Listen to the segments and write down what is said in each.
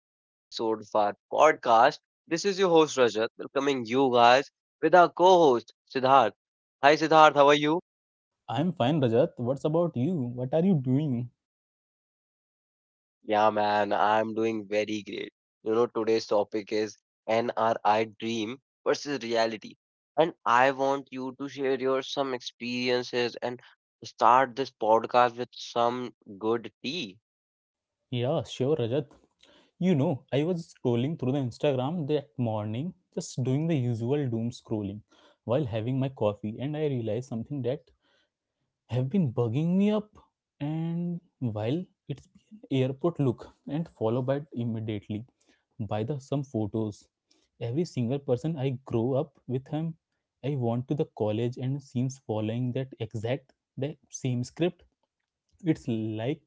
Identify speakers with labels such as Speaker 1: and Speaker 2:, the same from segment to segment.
Speaker 1: to another episode of our podcast. This is your host, Rajat, welcoming you guys with our co host, Siddharth. Hi, Siddharth. How are you?
Speaker 2: I'm fine, Rajat. What's about you? What are you doing?
Speaker 1: Yeah, man, I'm doing very great. You know, today's topic is NRI dream versus reality. And I want you to share your some experiences and start this podcast with some good tea.
Speaker 2: Yeah, sure, Rajat. You know, I was scrolling through the Instagram that morning, just doing the usual doom scrolling while having my coffee, and I realized something that have been bugging me up. And while it's been airport look and followed by immediately by the some photos. Every single person I grow up with him, I want to the college and seems following that exact the same script, it's like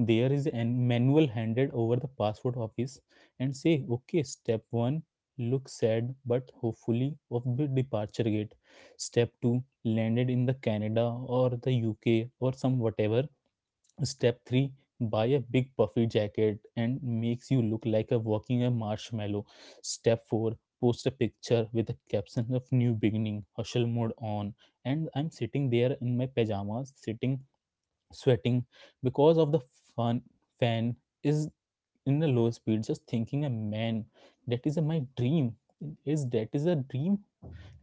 Speaker 2: there is a manual handed over the passport office and say okay, step 1, look sad but hopefully of the departure gate. Step 2, landed in the canada or the uk or some whatever. Step 3, buy a big puffy jacket and makes you look like a walking a marshmallow. Step 4, post a picture with a caption of new beginning hustle mode on. And I'm sitting there in my pajamas sitting sweating because of the fun fan is in a low speed, just thinking a man, that is a, my dream that is a dream.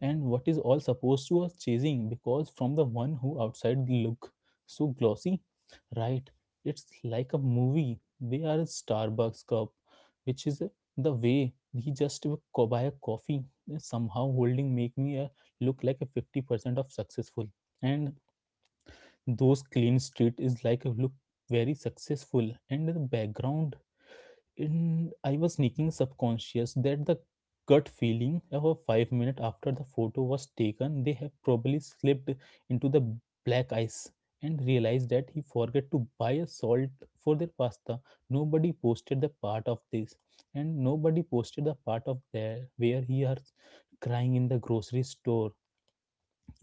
Speaker 2: And what is all supposed to us chasing, because from the one who outside look so glossy, right? It's like a movie. They are a starbucks cup which is the way he just buy a coffee somehow holding make me a, look like a 50% of successful. And those clean street is like look very successful and the background. And I was sneaking subconscious that the gut feeling of a 5 minutes after the photo was taken, they have probably slipped into the black ice and realized that he forgot to buy a salt for their pasta. Nobody posted the part of this, and nobody posted the part of there where he are crying in the grocery store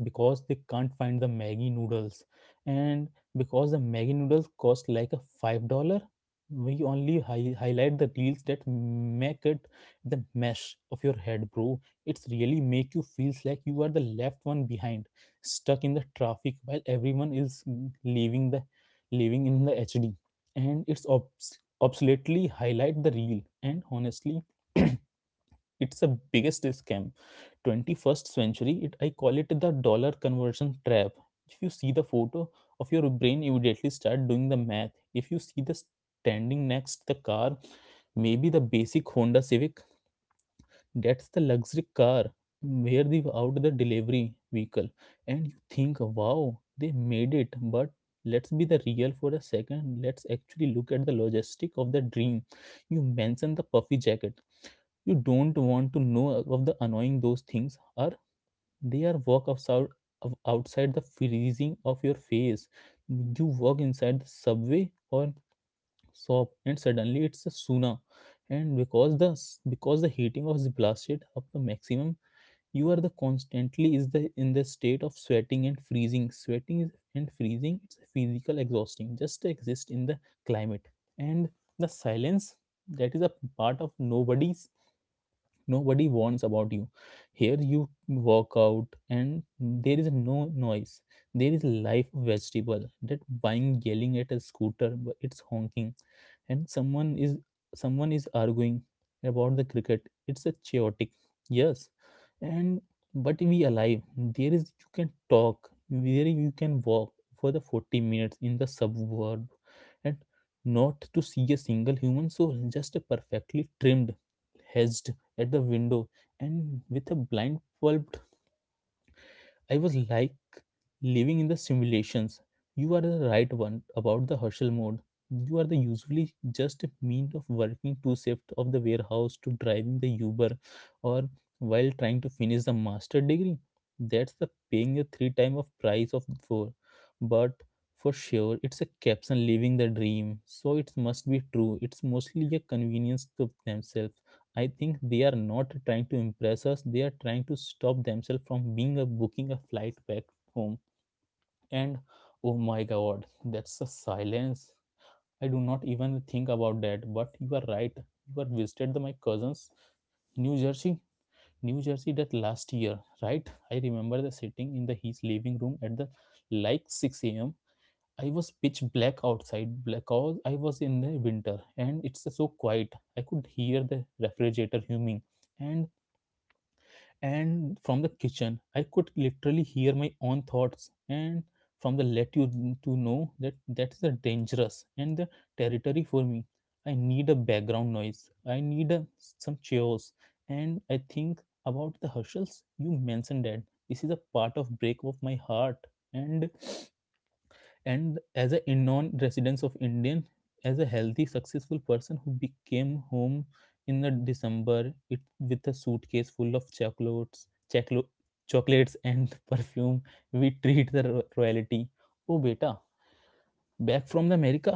Speaker 2: because they can't find the Maggie noodles. And because the Maggie noodles cost like a $5, we only highlight the reels that make it the mesh of your head, bro. It's really make you feels like you are the left one behind, stuck in the traffic while everyone is leaving the living in the HD. And it's obsoletely highlight the reel. And honestly, it's the biggest scam 21st century. It I call it the dollar conversion trap. If you see the photo of your brain immediately start doing the math. If you see the standing next the car, maybe the basic honda civic, that's the luxury car where they out the delivery vehicle, and you think wow they made it. But let's be the real for a second, let's actually look at the logistic of the dream. You mentioned the puffy jacket, you don't want to know of the annoying those things are. They are walk of sou- of outside the freezing of your face. You walk inside the subway or shop, and suddenly it's a sauna. And because because the heating was blasted up to maximum, you are the constantly is the in the state of sweating and freezing. And freezing. It's a physical exhausting just to exist in the climate. And the silence that is a part of nobody's nobody warns about you here. You walk out and there is no noise. There is life vegetable that buying yelling at a scooter but it's honking, and someone is arguing about the cricket. It's a chaotic, yes, and but we alive. There is you can talk there, you can walk for the 40 minutes in the suburb and not to see a single human soul, just a perfectly trimmed hedged at the window and with a blind pulped. I was like living in the simulations. You are the right one about the hustle mode. You are the usually just a mean of working two shifts of the warehouse to driving the Uber, or while trying to finish the master degree. That's the paying a three time of price of four. But for sure it's a caption living the dream, so it must be true. It's mostly a convenience to themselves. I think they are not trying to impress us, they are trying to stop themselves from being a booking a flight back home. And oh my god, that's a silence. I do not even think about that, but you are right. You are visited the, my cousins New Jersey, New Jersey that last year, right? I remember the sitting in the his living room at the like 6 a.m. I was pitch black outside because I was in the winter, and it's so quiet. I could hear the refrigerator humming, and and from the kitchen I could literally hear my own thoughts. And from the let you to know that that's the dangerous and the territory for me. I need a background noise, I need a, some chaos. And I think about the herschels you mentioned that, this is a part of break of my heart. and and as a non-residence of indian, as a healthy successful person who became home in the december it with a suitcase full of chocolates, choclo- chocolates and perfume, we treat the royalty, oh beta, back from the America.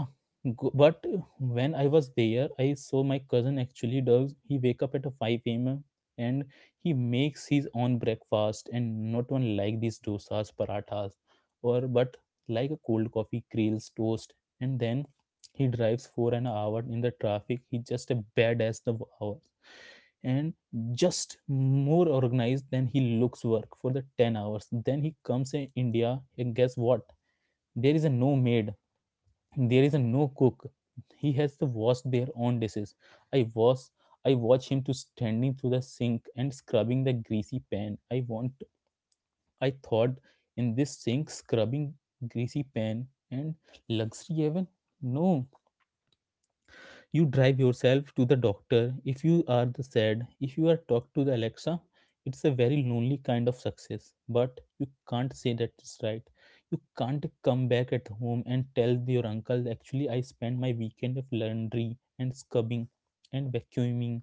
Speaker 2: But when I was there, I saw my cousin actually does. He wake up at 5 a.m. and he makes his own breakfast, and not one like these dosas, parathas, or but like a cold coffee, grills, toast. And then he drives for an hour in the traffic. He just a badass the hours, and just more organized than he looks work for the 10 hours. Then he comes in india and guess what, there is a no maid, there is a no cook. He has to wash their own dishes. i wash I watch him to standing through the sink and scrubbing the greasy pan. I thought in this sink scrubbing greasy pan and luxury heaven. No. You drive yourself to the doctor if you are the sad, if you are talked to the alexa. It's a very lonely kind of success, but you can't say that, it's right. You can't come back at home and tell your uncle actually I spent my weekend of laundry and scrubbing and vacuuming.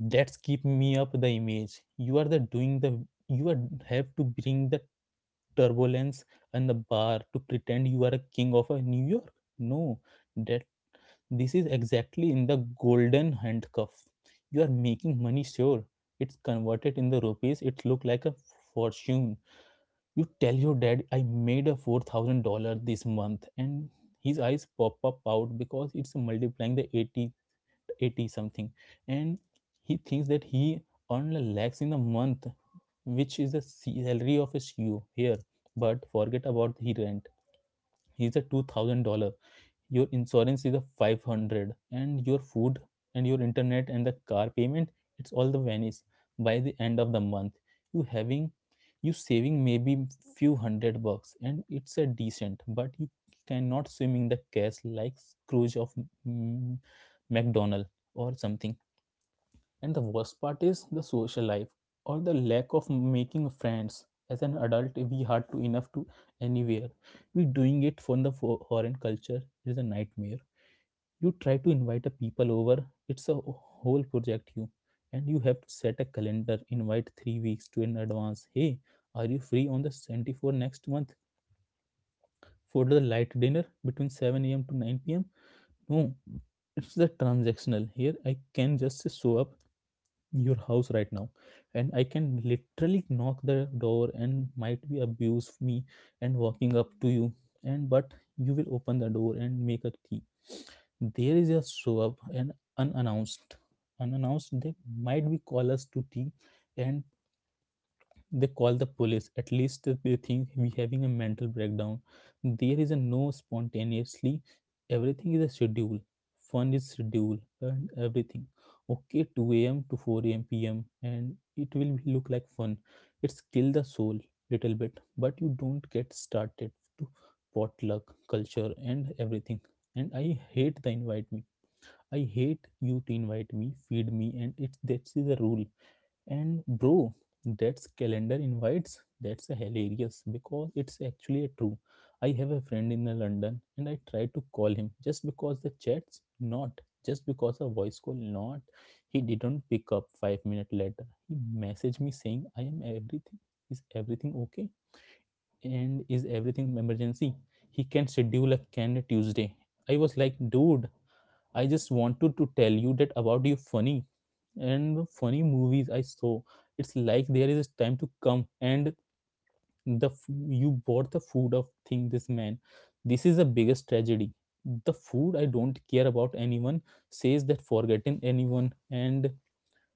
Speaker 2: That's keep me up the image you are the doing the, you are have to bring the turbulence and the bar to pretend you are a king of a new york. No, that. This is exactly in the golden handcuff. You are making money sure. It's converted in the rupees, it look like a fortune. You tell your dad I made a $4000 this month, and his eyes pop up out because it's multiplying the eighty something, and he thinks that he earned a lakhs in a month, which is the salary of a CEO here. But forget about the rent, he's a $2000, your insurance is a 500, and your food and your internet and the car payment, it's all the vanish by the end of the month. You having, you saving maybe few hundred bucks, and it's a decent, but you cannot swim in the cash like scrooge of mm, mcdonald or something. And the worst part is the social life, or the lack of making friends as an adult. We hard to enough to anywhere, we doing it for the foreign culture is a nightmare. You try to invite a people over, it's a whole project you, and you have to set a calendar invite 3 weeks to in advance. Hey, are you free on the 24 next month for the light dinner between 7 a.m to 9 p.m? No, it's the transactional here. I can just show up your house right now, and I can literally knock the door and might be abuse me and walking up to you, and but you will open the door and make a tea. There is a show up and unannounced unannounced they might be call us to tea, and they call the police at least they think we having a mental breakdown. There is a no spontaneously, everything is a schedule. Fun is schedule and everything, okay, 2 a.m to 4 a.m p.m and it will be look like fun. It's kill the soul little bit, but you don't get started to potluck culture and everything. And I hate the invite me. I hate you to invite me, feed me, and it's that's the rule. And bro, that's calendar invites. That's hilarious because it's actually true. I have a friend in London, and I tried to call him just because the chats, not just because a voice call, not. He didn't pick up 5 minutes later. He messaged me saying, "I am everything. Is everything okay? And is everything emergency? He can schedule a can Tuesday." I was like, dude, I just wanted to tell you that about you funny and funny movies I saw. It's like there is a time to come and you bought the food of thing this man. This is the biggest tragedy. The food I don't care about anyone says that forgotten anyone and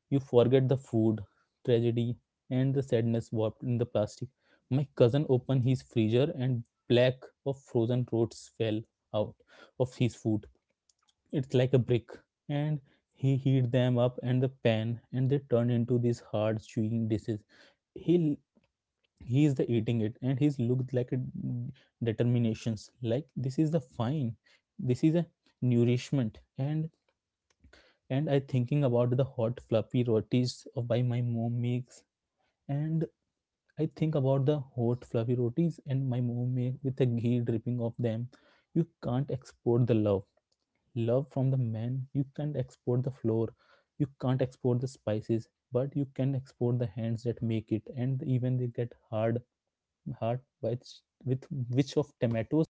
Speaker 2: you forget the food tragedy and the sadness warped in the plastic. My cousin opened his freezer and black of frozen roots fell out of his food, it's like a brick, and he heat them up and the pan and they turn into these hard chewing dishes. He he is the eating it and he's looked like a determinations like this is the fine, this is a nourishment. And I thinking about the hot fluffy rotis of by my mom makes. And I think about the hot fluffy rotis and my mom make with the ghee dripping off them. You can't export the love from the man. You can't export the floor, you can't export the spices, but you can export the hands that make it. And even they get hard with which of tomatoes.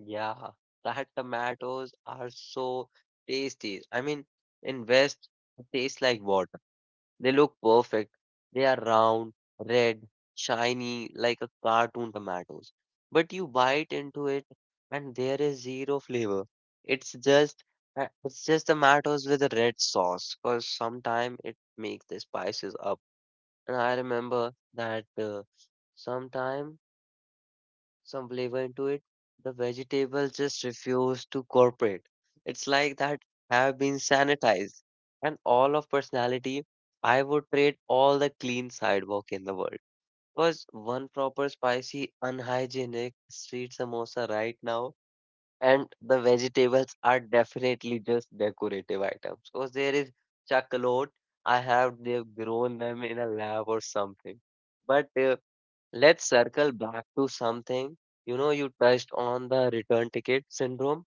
Speaker 1: Yeah, that tomatoes are so tasty. I mean, in West, it tastes like water. They look perfect. They are round, red, shiny, like a cartoon tomatoes. But you bite into it, and there is zero flavor. It's just it's just tomatoes with a red sauce, because sometime it makes the spices up. And I remember that sometime some flavor into it. The vegetables just refuse to cooperate. It's like that have been sanitized. And all of personality, I would trade all the clean sidewalk in the world. Because one proper spicy, unhygienic street samosa right now, and the vegetables are definitely just decorative items. Because there is chocolate, I have they've grown them in a lab or something. But let's circle back to something. You know, you touched on the return ticket syndrome.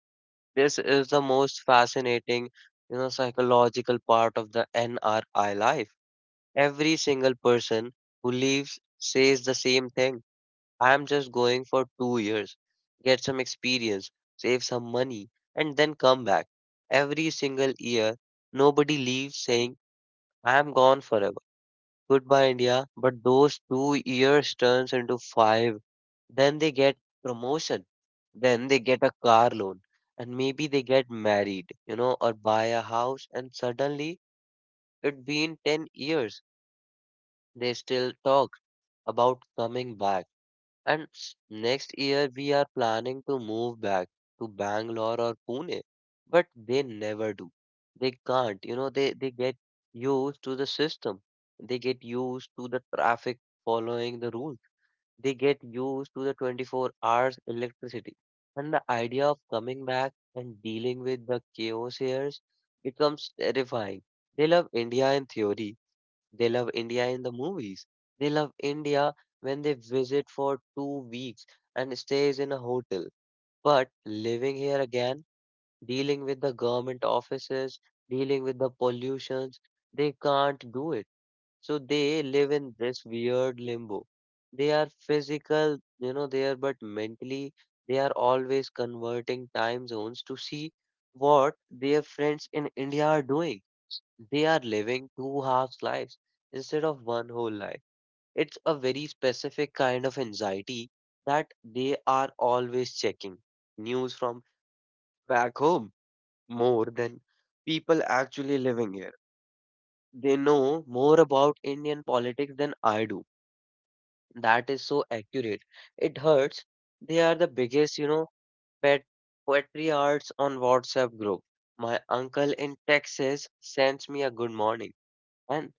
Speaker 1: This is the most fascinating, you know, psychological part of the NRI life. Every single person who leaves says the same thing. I'm just going for 2 years, get some experience, save some money, and then come back. Every single year, nobody leaves saying, I'm gone forever. Goodbye, India. But those 2 years turns into five, then they get promotion, then they get a car loan, and maybe they get married, you know, or buy a house, and suddenly it been 10 years. They still talk about coming back, and next year we are planning to move back to Bangalore or Pune, but they never do. They can't, you know, they get used to the system. They get used to the traffic, following the rules. They get used to the 24 hours electricity. And the idea of coming back and dealing with the chaos here becomes terrifying. They love India in theory. They love India in the movies. They love India when they visit for 2 weeks and stays in a hotel. But living here again, dealing with the government offices, dealing with the pollutions, they can't do it. So they live in this weird limbo. They are physical, you know, they are, but mentally they are always converting time zones to see what their friends in India are doing. They are living two halves lives instead of one whole life. It's a very specific kind of anxiety that they are always checking news from back home more than people actually living here. They know more about Indian politics than I do. That is so accurate. It hurts. They are the biggest, you know, pet patriarchs on WhatsApp group. My uncle in Texas sends me a good morning. And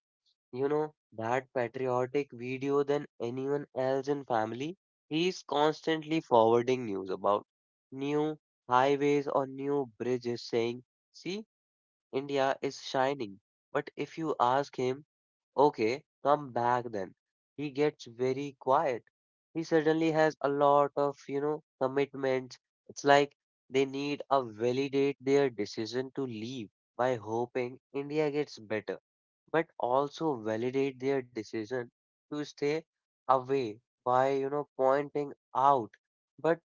Speaker 1: you know, that patriotic video than anyone else in family. He's constantly forwarding news about new highways or new bridges saying, see, India is shining. But if you ask him, okay, come back then, he gets very quiet. He suddenly has a lot of, you know, commitments. It's like they need a validate their decision to leave by hoping India gets better, but also validate their decision to stay away by, you know, pointing out. But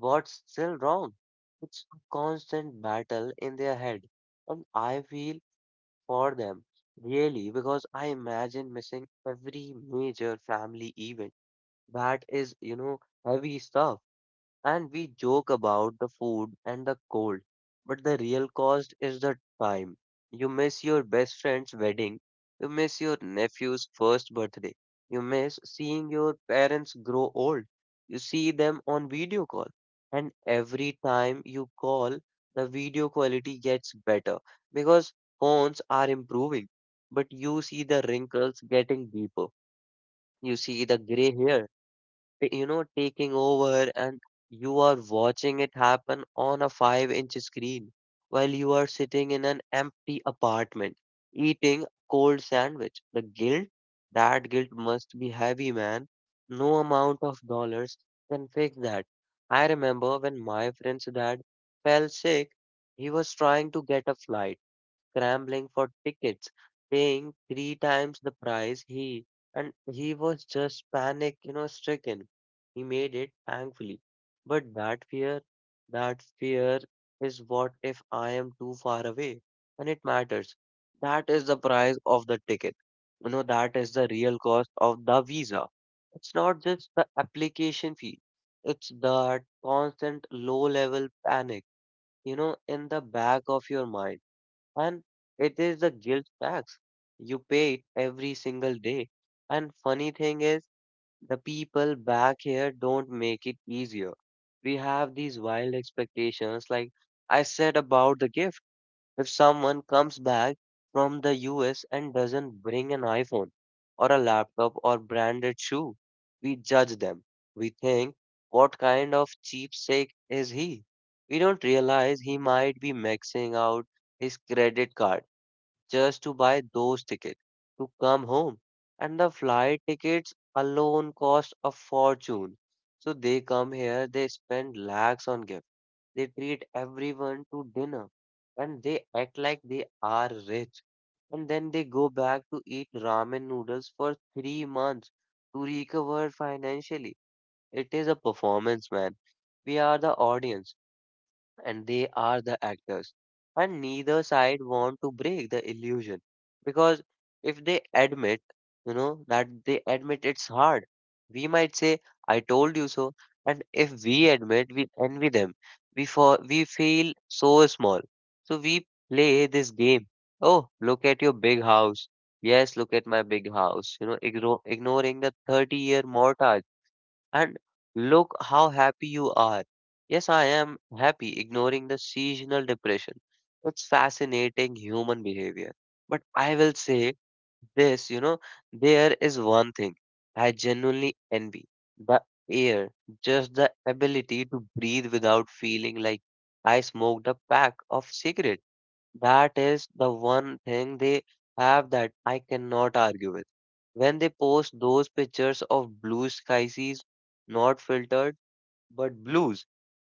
Speaker 1: what's still wrong? It's a constant battle in their head. And I feel for them, really, because I imagine missing every major family event. That is, you know, heavy stuff. And we joke about the food and the cold, but the real cost is the time. You miss your best friend's wedding, you miss your nephew's first birthday, you miss seeing your parents grow old. You see them on video call, and every time you call, the video quality gets better because phones are improving. But you see the wrinkles getting deeper, you see the gray hair, you know, taking over, and you are watching it happen on a 5-inch screen while you are sitting in an empty apartment eating a cold sandwich. The guilt, that guilt must be heavy, man. No amount of dollars can fix that. I remember when my friend's dad fell sick. He was trying to get a flight, scrambling for tickets, paying three times the price, he and he was just panic, you know, stricken. He made it, thankfully. But that fear is what if I am too far away? And it matters. That is the price of the ticket. You know, that is the real cost of the visa. It's not just the application fee. It's that constant low level panic, you know, in the back of your mind, and it is the guilt tax. You pay it every single day. And funny thing is, the people back here don't make it easier. We have these wild expectations, like I said about the gift. If someone comes back from the US and doesn't bring an iPhone or a laptop or branded shoe, we judge them. We think, what kind of cheapsake is he? We don't realize he might be maxing out his credit card just to buy those tickets to come home. And the flight tickets alone cost a fortune. So they come here, they spend lakhs on gifts. They treat everyone to dinner and they act like they are rich. And then they go back to eat ramen noodles for 3 months to recover financially. It is a performance, man. We are the audience and they are the actors. And neither side want to break the illusion because if they admit, you know, that they admit it's hard, we might say, I told you so. And if we admit, we envy them. We feel so small. So we play this game. Oh, look at your big house. Yes, look at my big house. You know, ignoring the 30-year mortgage, and look how happy you are. Yes, I am happy, ignoring the seasonal depression. It's fascinating human behavior. But I will say this, you know, there is one thing I genuinely envy, the air, just the ability to breathe without feeling like I smoked a pack of cigarettes. That is the one thing they have that I cannot argue with. When they post those pictures of blue skies, not filtered, but blues,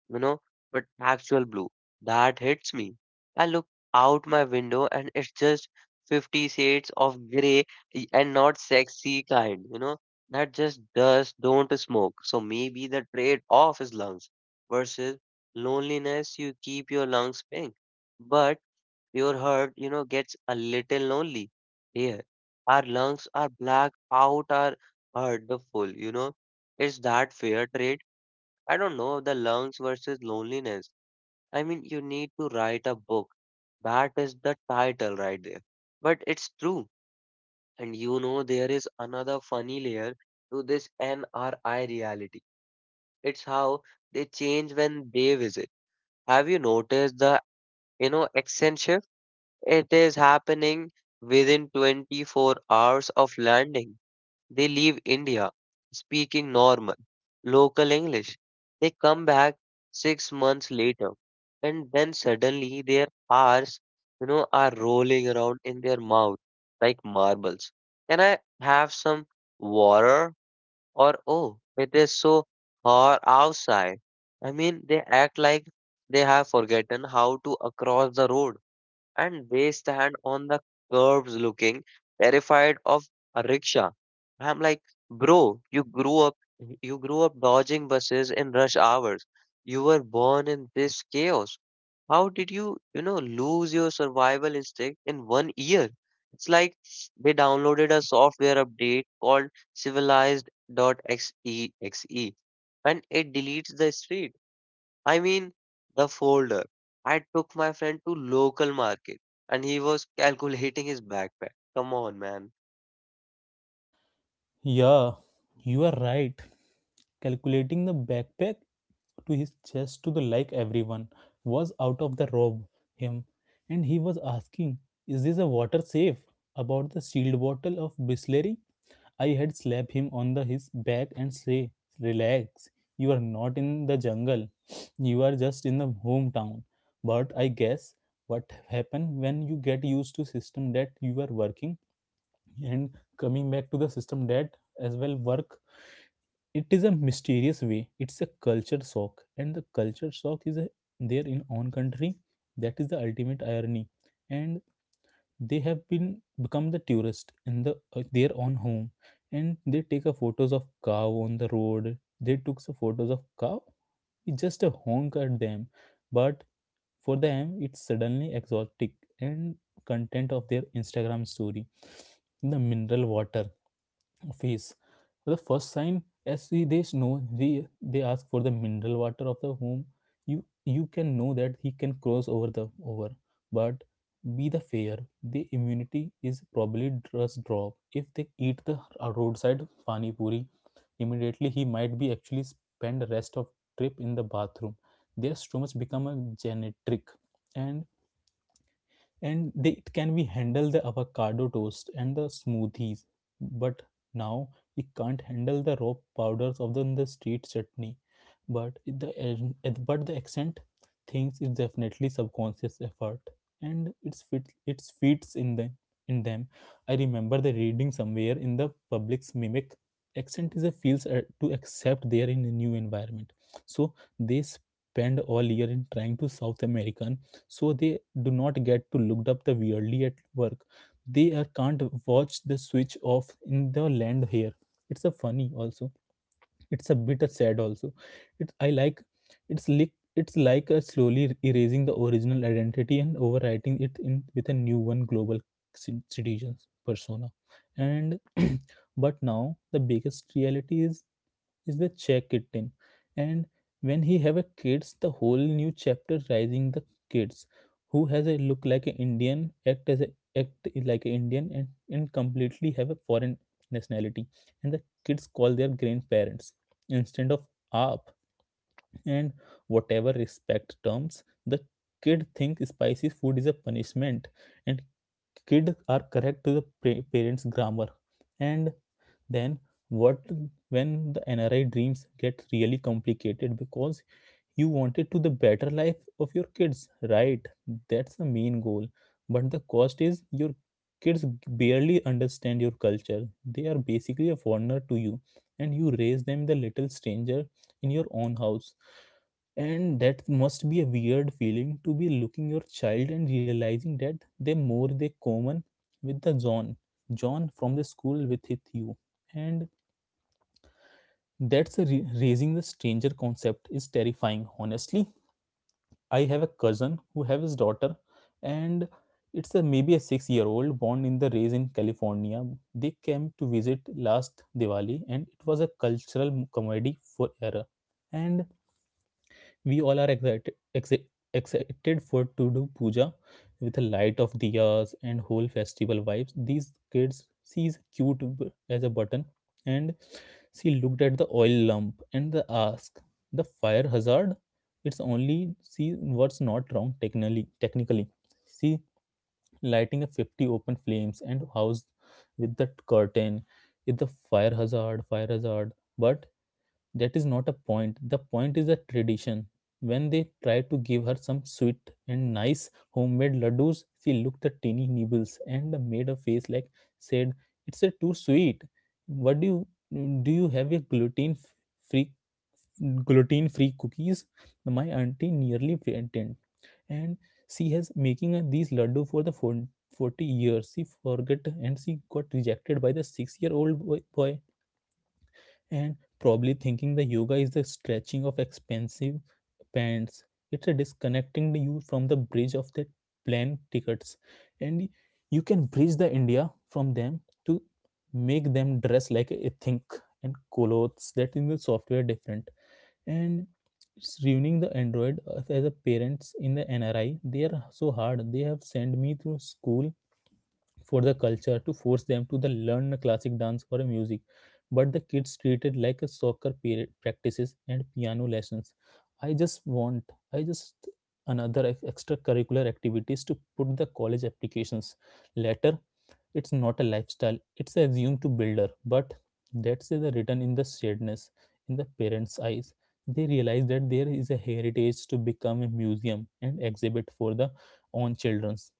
Speaker 1: you know, but actual blue, that hits me. I look out my window and it's just 50 shades of gray, and not sexy kind, you know, that just does don't smoke. So maybe the trade-off is lungs versus loneliness, you keep your lungs pink. But your heart, you know, gets a little lonely here. Our lungs are black out, our heart the full, you know. It's that fair trade. I don't know, the lungs versus loneliness. I mean, you need to write a book. That is the title right there. But it's true. And you know, there is another funny layer to this NRI reality. It's how they change when they visit. Have you noticed the, you know, accent shift? It is happening within 24 hours of landing. They leave India speaking normal, local English. They come back 6 months later, and then suddenly their R's, you know, are rolling around in their mouth like marbles. Can I have some water? Or, oh, it is so hot outside. I mean, they act like they have forgotten how to across the road, and they stand on the curbs looking terrified of a rickshaw. I'm like, bro, you grew up dodging buses in rush hours. You were born in this chaos. How did you, you know, lose your survival instinct in one year? It's like they downloaded a software update called civilized.xe and it deletes the street. I mean, the folder. I took my friend to local market and he was calculating his backpack. Come on, man.
Speaker 2: Yeah, you are right. Calculating the backpack to his chest to the like everyone was out of the robe him, and he was asking, "Is this a water safe?" About the sealed bottle of Bisleri I had slapped him on the his back and say, "Relax. You are not in the jungle. You are just in the hometown." But I guess what happen when you get used to system that you are working and coming back to the system that as well work. It is a mysterious way. It's a culture shock, and the culture shock is a, there in own country. That is the ultimate irony and they have been become the tourist in the their own home. And they take a photos of cow on the road, they took some photos of cow, it's just a honk at them, but for them it's suddenly exotic and content of their Instagram story. The mineral water face for the first sign as we they know, they ask for the mineral water of the whom. You can know that he can cross over the over, but be the fair, the immunity is probably just drop if they eat the roadside pani puri immediately. He might be actually spend the rest of trip in the bathroom. Their stomachs become a genetic, and and they it can be handle the avocado toast and the smoothies, but now it can't handle the raw powders of the street chutney. but the an- but the accent thinks is definitely subconscious effort, and it's fits in them. I remember the reading somewhere in the public's mimic accent is a feels to accept they are in a new environment. So they spend all year in trying to south american, so they do not get to looked up the weirdly at work. They are can't watch the switch off in the land here. It's a funny also, it's a bit sad also. It's i like it's like it's like uh, slowly erasing the original identity and overwriting it in with a new one global citizens persona. And but now the biggest reality is the check it in. And when he have a kids, the whole new chapter rising the kids who has a look like an indian, act as a act like an indian, and completely have a foreign nationality. And the kids call their grandparents instead of up and whatever respect terms, the kid think spicy food is a punishment. And kid are correct to the parents grammar. And then what, when the NRI dreams get really complicated, because you wanted to the better life of your kids, right? That's the main goal. But the cost is your kids barely understand your culture, they are basically a foreigner to you. And you raise them the little stranger in your own house. And that must be a weird feeling to be looking your child and realizing that they more they common with the john from the school with it you. And that's a raising the stranger concept is terrifying, honestly. I have a cousin who have his daughter, and it's a maybe a 6-year old born in the raised in California. They came to visit last Diwali, and it was a cultural comedy for error. And we all are excited for to do puja with the light of diyas and whole festival vibes. These kids sees cute as a button, and she looked at the oil lump and the ask the fire hazard. It's only see what's not wrong technically. Technically, see lighting a 50 open flames and house with that curtain. It's the fire hazard, but that is not a point. The point is a tradition. When they tried to give her some sweet and nice homemade laddus, she looked at teeny nibbles and made a face like said, "It's a too sweet. What do? You have a free gluten free cookies?" My auntie nearly fainted, and she has making these laddu for the 40 years. She forgot and she got rejected by the 6-year old boy and probably thinking the yoga is the stretching of expensive pants. It's a disconnecting you from the bridge of the plane tickets, and you can bridge the India from them to make them dress like a think and clothes that in the software different. And it's ruining the android as a parents in the NRI, they are so hard, they have sent me through school for the culture to force them to the learn a classic dance or a music. But the kids treated like a soccer period practices and piano lessons. I just another extracurricular activities to put the college applications later. It's not a lifestyle, it's assumed to builder. But that's the written in the sadness in the parents eyes, they realize that there is a heritage to become a museum and exhibit for the own childrens.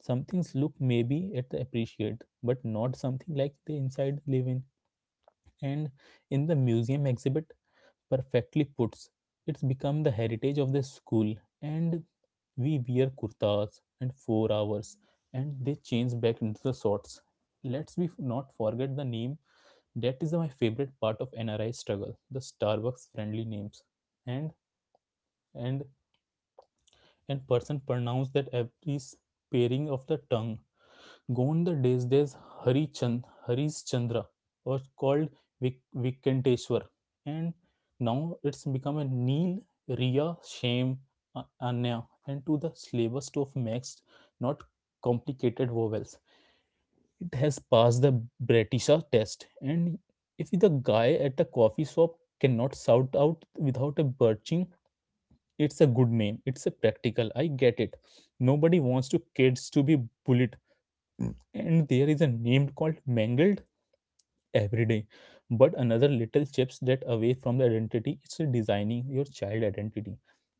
Speaker 2: Some things look maybe at the appreciate but not something like they inside live in. And in the museum exhibit perfectly puts, it's become the heritage of the school. And we wear kurtas and 4 hours and they change back into the shorts. Let's we not forget the name. That is my favorite part of NRI struggle, the Starbucks friendly names. And and and person pronounce that every sparing of the tongue. Gond the days Hari Chand, Harish Chandra was called Vikanteshwar, and now it's become a Neil, Riya, Shame, Anya, and to the slavest of mixed, not complicated vowels. It has passed the Britisha test, and if the guy at a coffee shop cannot shout out without a birching, it's a good name. It's a practical. I get it. Nobody wants to kids to be bullied and there is a name called mangled every day, but another little chips that away from the identity, it's designing your child identity.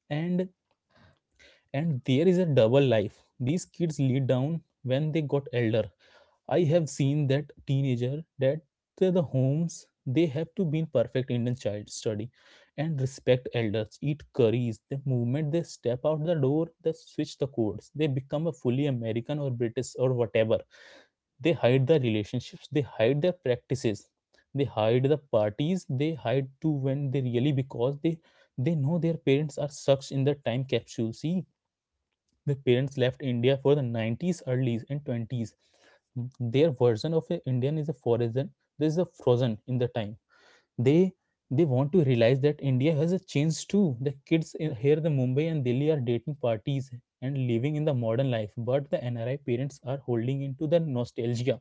Speaker 2: and and there is a double life these kids lead down when they got elder. I have seen that teenager that the homes they have to be in perfect indian child study and respect elders eat curries, the moment they step out the door they switch the codes, they become a fully american or british or whatever. They hide the relationships, they hide their practices, they hide the parties, they hide to when they really, because they know their parents are sucked in the time capsule. See, the parents left India for the 90s early and 20s, their version of a indian is a foreign, this is a frozen in the time. They they want to realize that India has a change too, the kids in, here the Mumbai and Delhi are dating parties and living in the modern life, but the NRI parents are holding into the nostalgia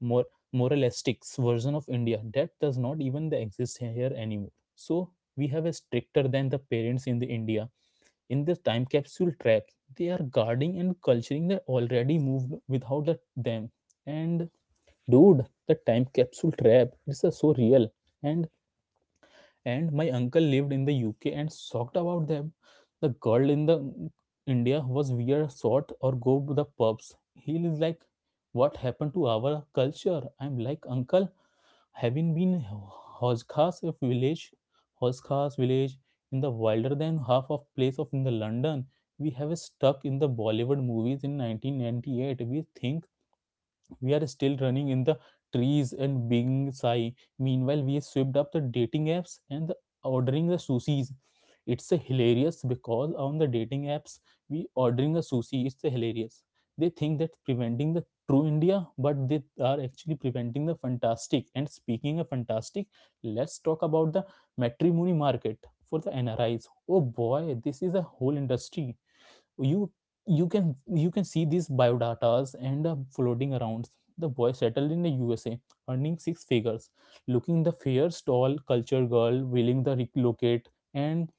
Speaker 2: more moralistics version of India that does not even exist here anymore. So we have a stricter than the parents in the India in the time capsule trap. They are guarding and culturing that already moved without them. And dude, the time capsule trap is so real. And and my uncle lived in the UK and shocked about them. The girl in the India was wear short or go to the pubs. He is like, what happened to our culture? I'm like, uncle, having been Hoskas village, Hoskas village in the wilder than half of place of in the London, we have stuck in the Bollywood movies in 1998. We think we are still running in the trees and being sigh. Meanwhile, we swept up the dating apps and the ordering the sushis. It's a hilarious because on the dating apps, we ordering a sushi. It's a hilarious. They think that preventing the true India, but they are actually preventing the fantastic. And speaking of fantastic, let's talk about the matrimony market for the NRIs. Oh boy, this is a whole industry you you can see these biodatas and floating around the boy settled in the USA earning six figures looking the fair tall cultured girl willing to relocate and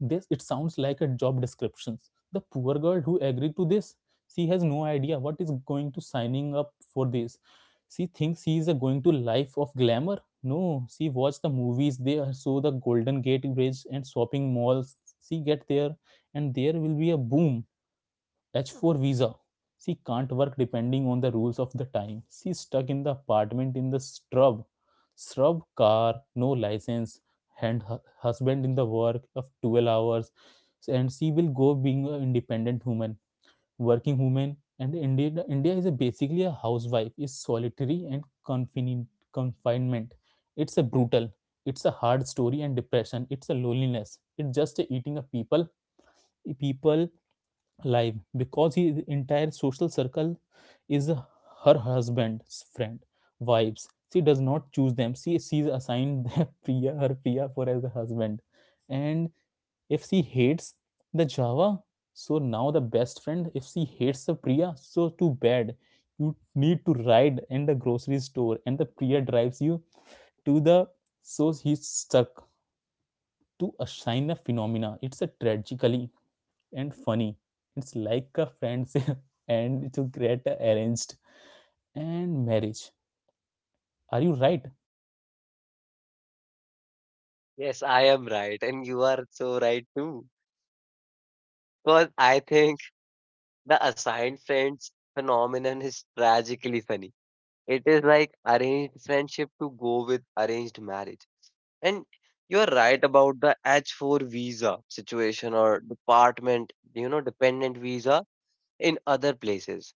Speaker 2: this it sounds like a job description. The poor girl who agreed to this, she has no idea what is going to signing up for this. She thinks she is going to life of glamour. No, she watched the movies, saw the Golden Gate Bridge and shopping malls. She get there and there will be a boom H-4 visa. She can't work depending on the rules of the time. She's stuck in the apartment in the shrub. Shrub car, no license, and her husband in the work of 12 hours. And she will go being an independent woman, working woman. And India is a basically a housewife, is solitary and confinement. It's a brutal. It's a hard story and depression. It's a loneliness. It's just a eating of people people live because his entire social circle is her husband's friend wives. She does not choose them, she's assigned their priya, her priya for as a husband. And if she hates the java, so now the best friend, if she hates the priya, so too bad. You need to ride in the grocery store and the priya drives you to the, so he's stuck to assign a sign of phenomena. It's a tragically and funny. It's like a friendship and it's a great arranged and marriage. Are you right?
Speaker 1: Yes, I am right. And you are so right too. Because I think the assigned friends phenomenon is tragically funny. It is like arranged friendship to go with arranged marriage. And you're right about the H4 visa situation or department, you know, dependent visa in other places.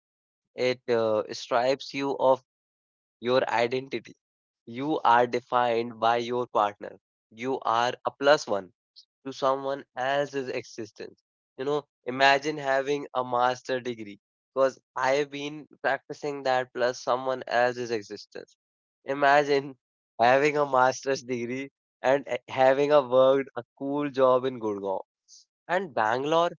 Speaker 1: It stripes you of your identity. You are defined by your partner. You are a plus one to someone else's existence. You know, imagine having a master degree because I have been practicing that plus someone else's existence. Imagine having a master's degree and having a worked a cool job in Gurgaon and Bangalore.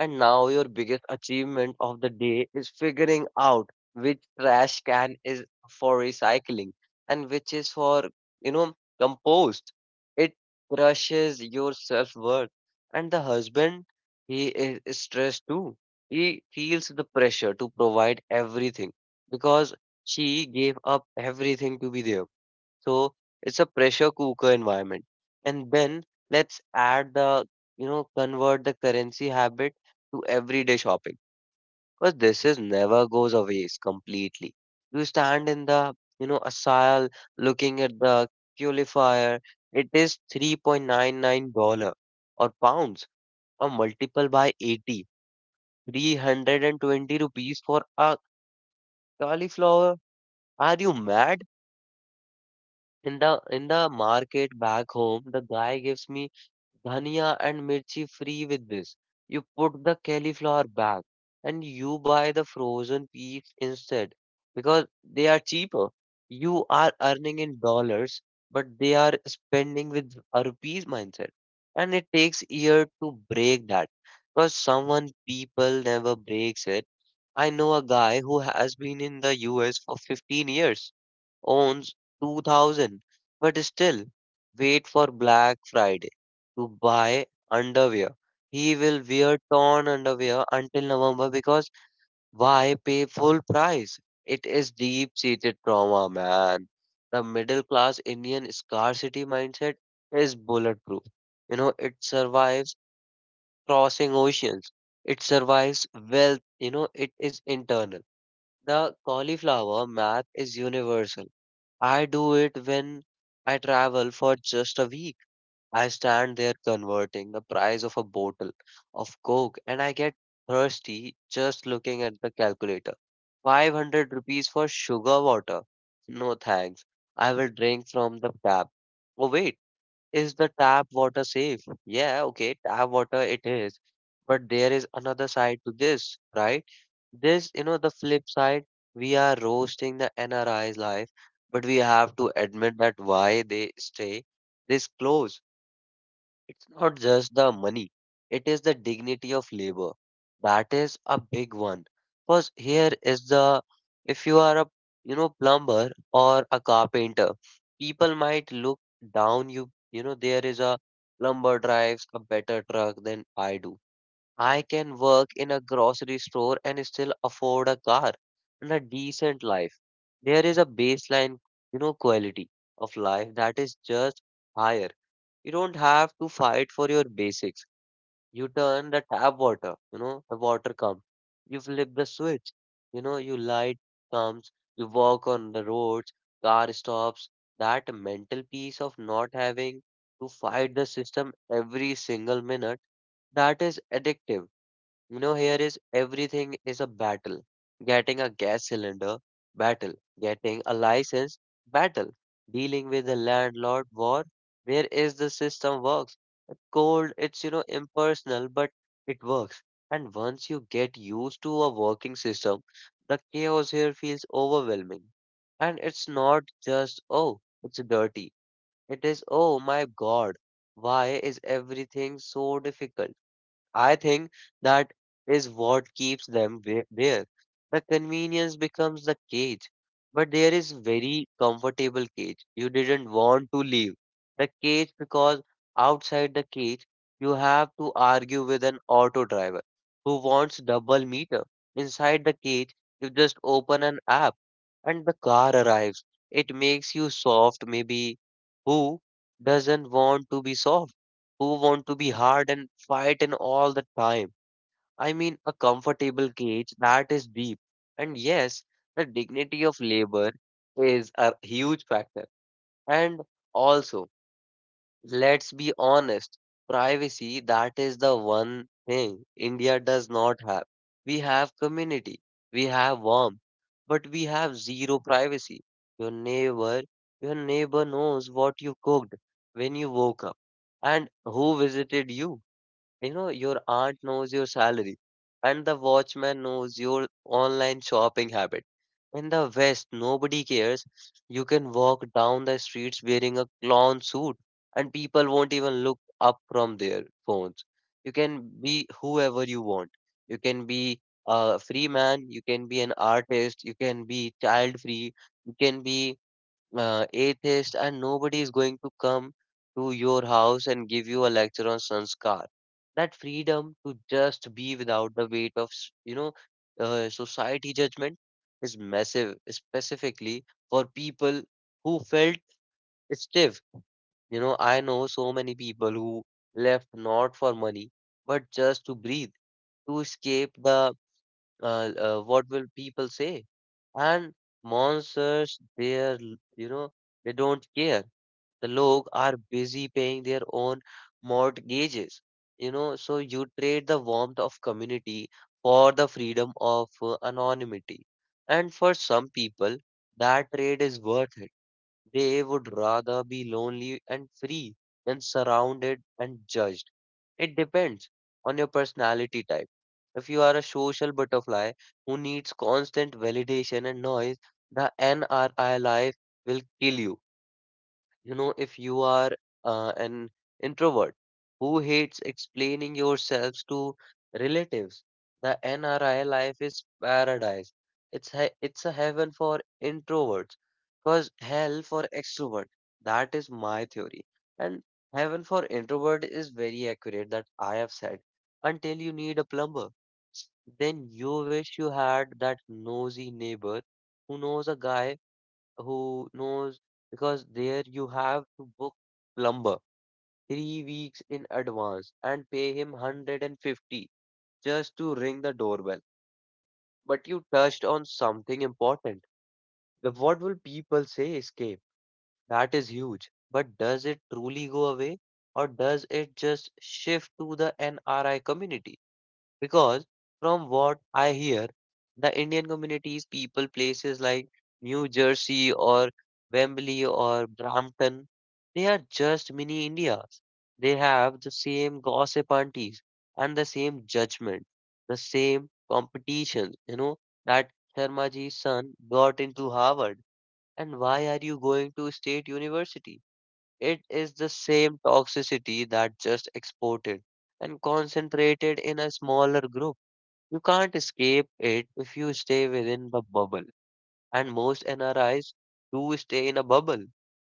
Speaker 1: And now your biggest achievement of the day is figuring out which trash can is for recycling and which is for, you know, compost. It crushes your self-worth. And the husband, he is stressed too. He feels the pressure to provide everything because she gave up everything to be there. So it's a pressure cooker environment. And then let's add convert the currency habit to everyday shopping because this is never goes away completely. You stand in the, you know, aisle looking at the purifier. It is $3.99 or pounds or multiple by 80, 320 rupees for a cauliflower. Are you mad? In the market back home, the guy gives me dhania and mirchi free with this. You put the cauliflower back and you buy the frozen peas instead because they are cheaper. You are earning in dollars, but they are spending with a rupees mindset. And it takes year to break that because someone people never breaks it. I know a guy who has been in the US for 15 years owns 2000, but still wait for Black Friday to buy underwear. He will wear torn underwear until November because why pay full price? It is deep seated trauma, man. The middle class Indian scarcity mindset is bulletproof. You know, it survives crossing oceans, it survives wealth, you know, it is internal. The cauliflower math is universal. I do it when I travel for just a week. I stand there converting the price of a bottle of Coke and I get thirsty just looking at the calculator. 500 rupees for sugar water. No thanks. I will drink from the tap. Oh, wait. Is the tap water safe? Yeah, okay, tap water it is. But there is another side to this, right? This, the flip side, we are roasting the NRI's life, but we have to admit that why they stay this close it's not just the money, it is the dignity of labor. That is a big one. Because here is the, if you are a, plumber or a carpenter, people might look down you, there is a plumber drives a better truck than I do. I can work in a grocery store and still afford a car and a decent life. There is a baseline, quality of life that is just higher you don't have to fight for your basics. You turn the tap water, the water comes. You flip the switch, you light comes, you walk on the roads, car stops. That mental peace of not having to fight the system every single minute, that is addictive. You know, here is everything is a battle. Getting a gas cylinder, battle. Getting a license, battle. Dealing with the landlord, war. Where is the system works? It's cold, it's, impersonal, but it works. And once you get used to a working system, the chaos here feels overwhelming. And it's not just, oh, it's dirty. It is, oh my God, why is everything so difficult? I think that is what keeps them there. The convenience becomes the cage, but there is very comfortable cage. You didn't want to leave the cage because outside the cage you have to argue with an auto driver who wants double meter. Inside the cage, you just open an app and the car arrives. It makes you soft, maybe. Who doesn't want to be soft? Who want to be hard and fight and all the time. I mean, a comfortable cage that is deep. And yes, the dignity of labor is a huge factor. And also, let's be honest, privacy that is the one thing India does not have. We have community, we have warmth, but we have zero privacy. Your neighbor, your neighbor knows what you cooked when you woke up and who visited you you know, your aunt knows your salary, and the watchman knows your online shopping habit. In the West, nobody cares. You can walk down the streets wearing a clown suit, and people won't even look up from their phones. You can be whoever you want. You can be a free man, you can be an artist, you can be child free, you can be atheist, and nobody is going to come to your house and give you a lecture on sanskar. That freedom to just be without the weight of, society judgment is massive, specifically for people who felt stiff. You know, I know so many people who left not for money, but just to breathe, to escape the what will people say? And monsters, they're, you know, they don't care the log are busy paying their own mortgages. You know, so you trade the warmth of community for the freedom of anonymity. And for some people, that trade is worth it. They would rather be lonely and free than surrounded and judged. It depends on your personality type. If you are a social butterfly who needs constant validation and noise, the NRI life will kill you. You know, if you are an introvert who hates explaining yourselves to relatives, the NRI life is paradise. It's a heaven for introverts, cause hell for extrovert. That is my theory. And heaven for introvert is very accurate that I have said. Until you need a plumber, then you wish you had that nosy neighbor who knows a guy who knows because there you have to book plumber 3 weeks in advance and pay him 150 just to ring the doorbell. But you touched on something important. The what will people say escape? That is huge. But does it truly go away or does it just shift to the NRI community? Because from what I hear, the Indian communities, people, places like New Jersey or Wembley or Brampton, they are just mini Indias. They have the same gossip aunties and the same judgment, the same competition. You know, that Sharmaji's son got into Harvard, and why are you going to State University? It is the same toxicity that just exported and concentrated in a smaller group. You can't escape it if you stay within the bubble. And most NRIs do stay in a bubble.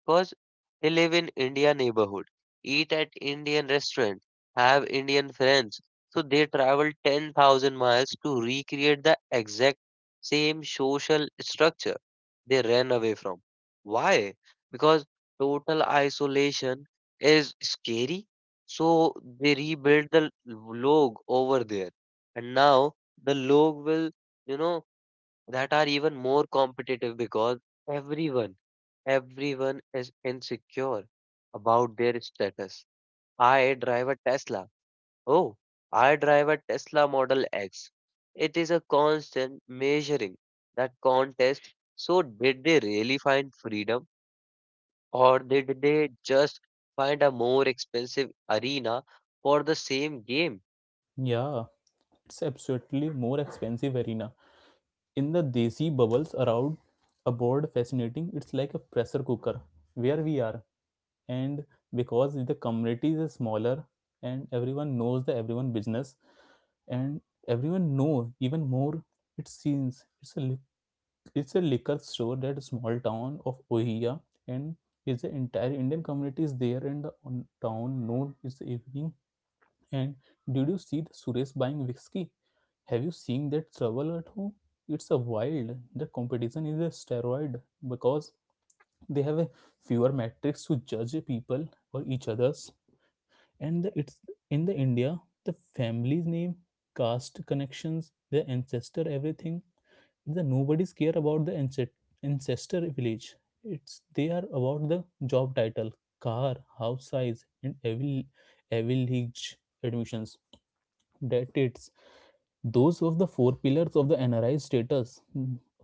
Speaker 1: Because he live in India neighborhood, eat at Indian restaurant, have Indian friends. So they travel 10,000 miles to recreate the exact same social structure they ran away from. Why? Because total isolation is scary. So they rebuild the log over there. And now the log will, you know, that are even more competitive because everyone, everyone is insecure about their status. I drive a Tesla. Oh, I drive a Tesla Model X. It is a constant measuring that contest. So, did they really find freedom or did they just find a more expensive arena for the same game?
Speaker 2: Yeah, it's absolutely more expensive arena. In the desi bubbles around a board fascinating, it's like a pressure cooker where we are. And because the community is smaller and everyone knows the everyone business and everyone know even more, it seems it's a liquor store that small town of Ohia, and is the entire Indian community is there in the town known is the evening. And did you see the Suresh buying whiskey? Have you seen that trouble at home? It's a wild. The competition is a steroid because they have a fewer metrics to judge people or each others, and the, it's in the India the family's name, caste connections, their ancestor, everything. The nobody's care about the ancestor village. It's they are about the job title, car, house size, and every village admissions. That, it's those of the four pillars of the NRI status.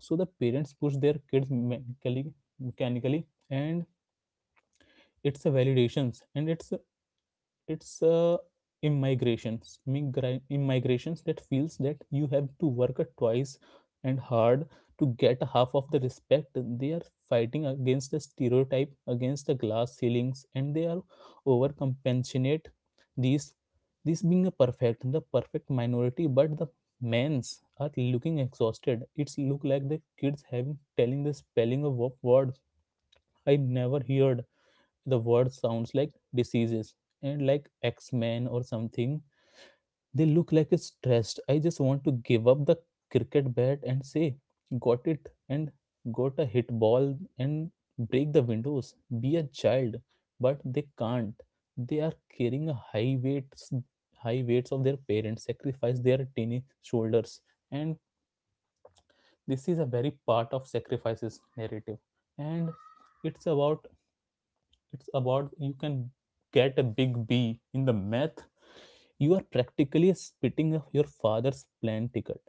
Speaker 2: So the parents push their kids mechanically, and it's validations and it's immigrations, immigrations that feels that you have to work twice and hard to get half of the respect. They are fighting against the stereotype, against the glass ceilings, and they are overcompensate these, this being a perfect, the perfect minority. But the men's are looking exhausted. It's look like the kids having telling the spelling of words I never heard, the word sounds like diseases and like X-Men or something. They look like it's stressed. I just want to give up the cricket bat and say, got it, and got a hit ball and break the windows, be a child, but they can't. They are carrying a high weights of their parents sacrifice, their tiny shoulders. And this is a very part of sacrifices narrative. And it's about it's about you can get a big B in the math, you are practically spitting off your father's plane ticket.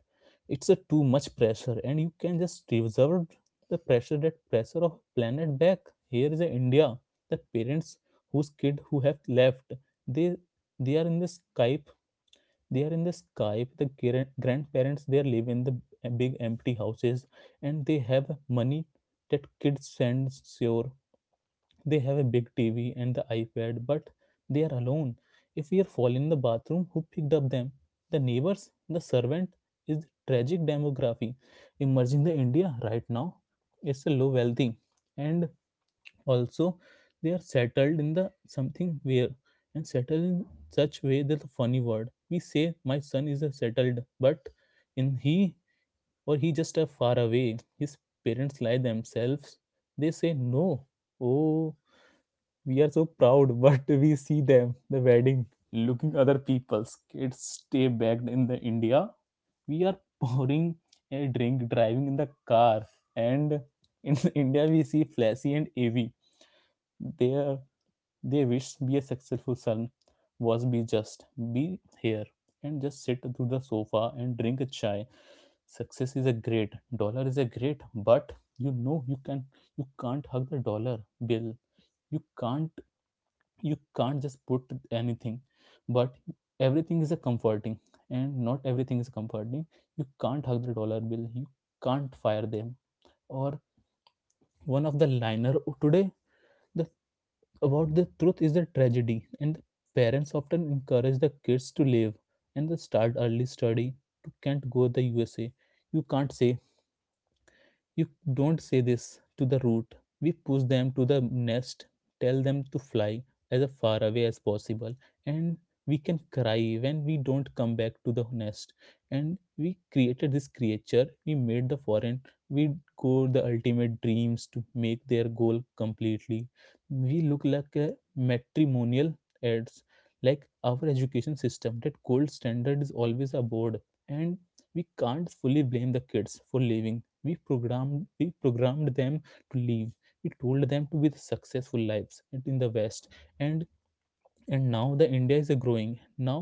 Speaker 2: It's a too much pressure, and you can just reserve the pressure, that pressure of planet back here is a India. The parents whose kid who have left, they they are in the Skype, the grandparents, they live in the big empty houses, and they have money that kids sends. Sure, they have a big TV and the iPad, but they are alone. If we are fall in the bathroom, who picked up them? The neighbors, the servant. Is the tragic demography emerging in India right now. It's a low wealthy, and also they are settled in the something where, and settled in such way that the funny word we say, my son is a settled, but in he, or he just are far away. His parents lie themselves. They say no. Oh, we are so proud but we see them the wedding looking other people's kids stay back in the India. We are pouring a drink driving in the car, and in India we see flashy and av, they they wish be a successful son was be just be here and just sit to the sofa and drink a chai. Success is a great, dollar is a great, but you know you can't hug the dollar bill. You can't you can't just put anything, but everything is a comforting, and not everything is comforting. You can't hug the dollar bill, you can't fire them, or one of the liner today, the about the truth is the tragedy. And the parents often encourage the kids to live and the start early study to can't go the USA. You can't say, you don't say this to the root. We push them to the nest, tell them to fly as far away as possible, and we can cry when we don't come back to the nest. And we created this creature, we made the foreign, we go the ultimate dreams to make their goal completely. We look like a matrimonial ads, like our education system. That gold standard is always aboard, and we can't fully blame the kids for leaving. We programmed them to live. We told them to be the successful lives in the West, and now the India is growing. now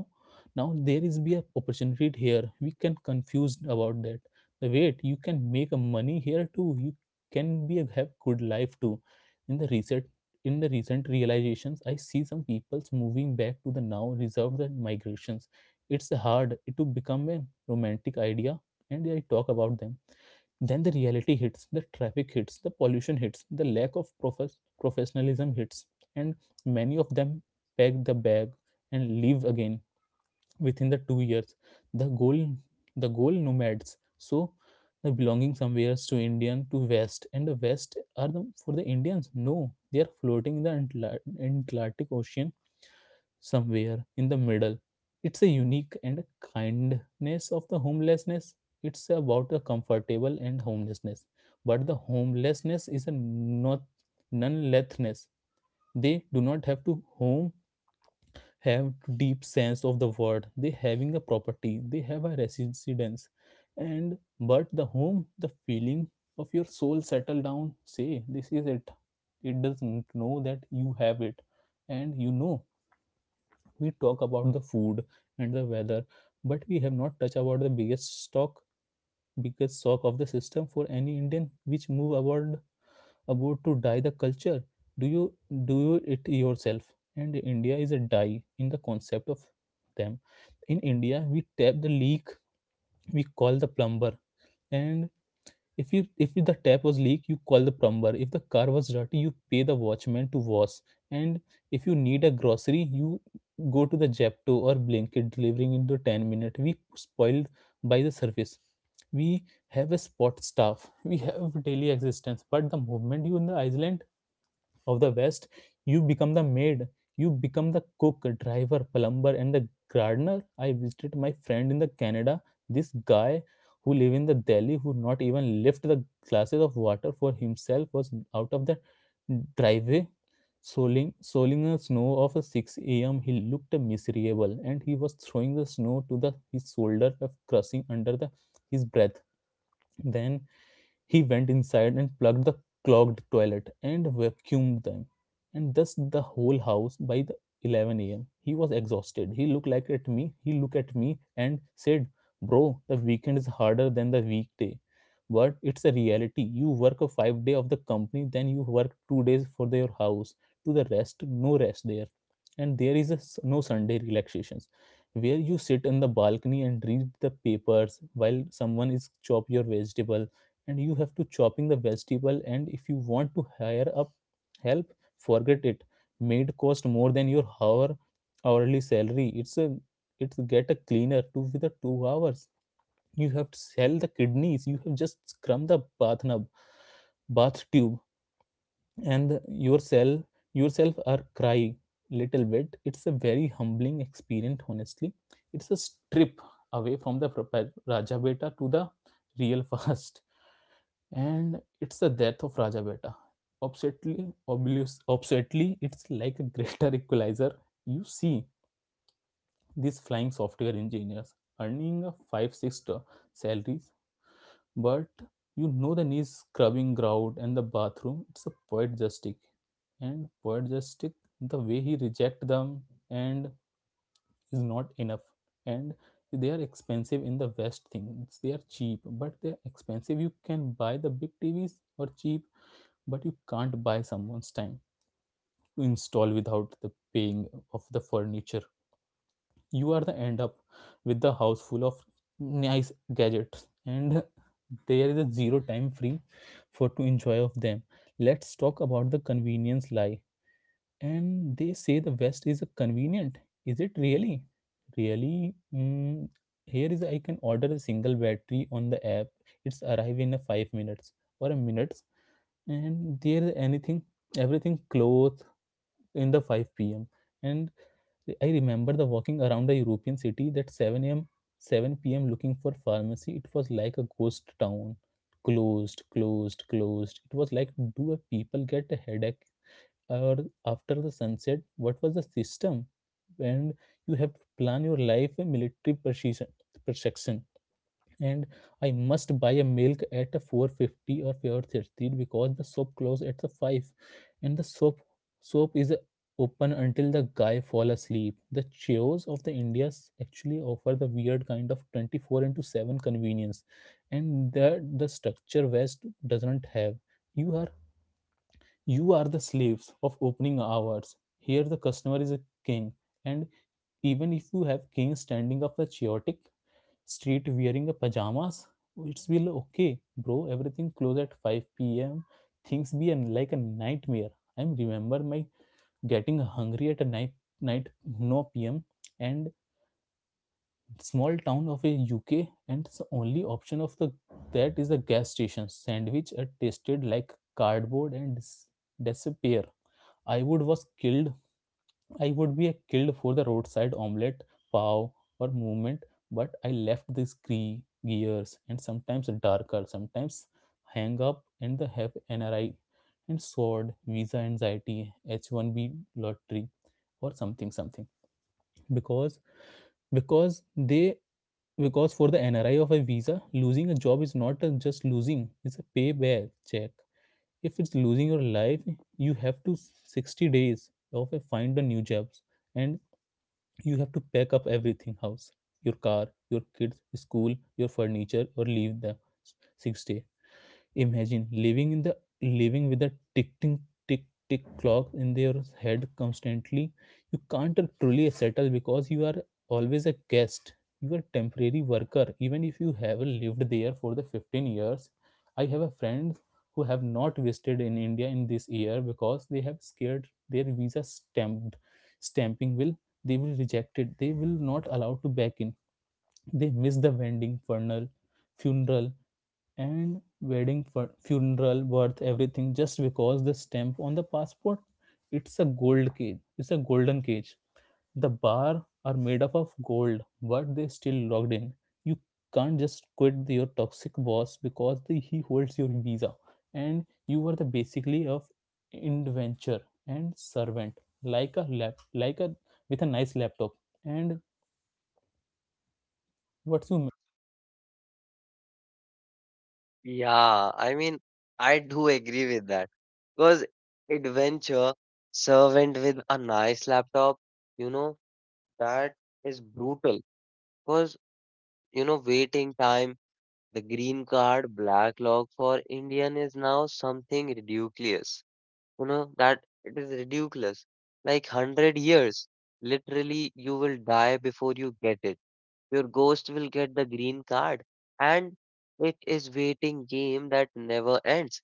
Speaker 2: now there is be a opportunity here, we can confused about that. The wait, you can make a money here too, you can be a, have good life too. In the recent in the recent realizations, I see some people's moving back to the, now reserved the migrations. It's hard to become a romantic idea, and I talk about them, then the reality hits, the traffic hits, the pollution hits, the lack of professionalism hits. And many of them pack the bag and leave again within the 2 years. The goal the goal nomads. So the belonging somewhere to Indian, to West, and the West are the, for the Indians. No, they are floating in the Atlantic Ocean somewhere in the middle. It's a unique and kindness of the homelessness. It's about a comfortable and homelessness. But the homelessness is a not non-lethness. They do not have to home, have deep sense of the word, they having a property, they have a residence, and but the home, the feeling of your soul settle down, say this is it, it doesn't know that you have it. And you know, we talk about the food and the weather, but we have not touched about the biggest shock of the system for any Indian, which move about to dye the culture. Do you do it yourself? And India is a dye in the concept of them. In India we tap the leak, we call the plumber, and if the tap was leak, you call the plumber. If the car was dirty, you pay the watchman to wash, and if you need a grocery, you go to the Japto or Blinkit delivering in the 10 minute. We spoiled by the service, we have a spot staff, we have daily existence. But the moment you in the island of the West, you become the maid, you become the cook, driver, plumber, and the gardener. I visited my friend in the Canada, this guy who live in the Delhi, who not even lift the glasses of water for himself, was out of the driveway, sowing a snow of a 6 a.m. He looked miserable, and he was throwing the snow to the his shoulder, of crushing under the his breath. Then he went inside and plugged the clogged toilet and vacuumed them, and thus the whole house by the 11 a.m. He was exhausted. He looked like at me. He looked at me and said, "Bro, the weekend is harder than the weekday, but it's a reality. You work a 5 day of the company, then you work 2 days for your house. "To the rest, no rest there, and there is a s no Sunday relaxations," where you sit in the balcony and read the papers while someone is chop your vegetable, and you have to chopping the vegetable. And if you want to hire up help, forget it. Maid cost more than your hourly salary. It's get a cleaner to with the 2 hours, you have to sell the kidneys. You have just scrum the bath nub, bath tube, and yourself are crying little bit. It's a very humbling experience, honestly. It's a strip away from the Raja Beta to the real fast, and it's the death of Raja Beta. Obsessively, it's like a greater equalizer. You see these flying software engineers earning a salaries, but you know the knees scrubbing ground and the bathroom. It's a poet justice, and poet justice the way he reject them, and is not enough. And they are expensive in the west. Things, they are cheap, but they're expensive. You can buy the big tvs or cheap, but you can't buy someone's time to install without the paying of the furniture. You are the end up with the house full of nice gadgets, and there is a zero time free for to enjoy of them. Let's talk about the convenience lie. And they say the west is convenient. Is it really? Really. Mm, here is I can order a single battery on the app. It's arrive in a 5 minutes or a minute. And there anything, everything clothes in the 5 p.m. And I remember the walking around a european city that 7 a.m, 7 p.m, looking for pharmacy. It was like a ghost town. Closed, closed, closed. It was like, do a people get a headache, or after the sunset what was the system? And you have to plan your life a military precision, perfection. And I must buy a milk at 450 or 430 because the shop close at the 5. And the shop soap is open until the guy fall asleep. The chaos of the Indians actually offer the weird kind of 24 into 7 convenience, and that the structure West doesn't have. You are you are the slaves of opening hours. Here the customer is a king. And even if you have king standing up the chaotic street wearing a pajamas, it's will okay bro, everything close at 5 p.m. Things be an, like a nightmare. I remember my getting hungry at a night, no p.m. And small town of a UK, and the only option of the that is a gas station sandwich. It tasted like cardboard and disappear. i would was killed I would be killed for the roadside omelette, pav, or movement. But I left these gears, and sometimes darker, sometimes hang up and the have NRI and sword, visa anxiety, H1B lottery, or something something. Because because they because for the NRI of a visa, losing a job is not a just losing; it's a payback check. If it's losing your life, you have to 60 days of a find a new jobs. And you have to pack up everything house, your car, your kids school, your furniture, or leave the sixth day. Imagine living in the living with a tick tick clock in their head constantly. You can't truly settle because you are always a guest. You are temporary worker. Even if you have lived there for the 15 years, I have a friend who have not visited in India in this year because they have scared their visa stamped stamping will, they will reject it. They will not allow to back in. They miss the wedding, funeral, and wedding, funeral, birth, everything just because the stamp on the passport. It's a gold cage. It's a golden cage. The bar are made up of gold, but they still locked in. You can't just quit your toxic boss because the, he holds your visa. And you are the basically of inventor and servant, like a lap, like a with a nice laptop. And what's you
Speaker 1: Yeah, I mean, I do agree with that. Because adventure servant with a nice laptop, you know, that is brutal. Because, waiting time, the green card, black log for Indian is now something ridiculous. You know, that it is ridiculous. Like 100 years, literally, you will die before you get it. Your ghost will get the green card. And it is waiting game that never ends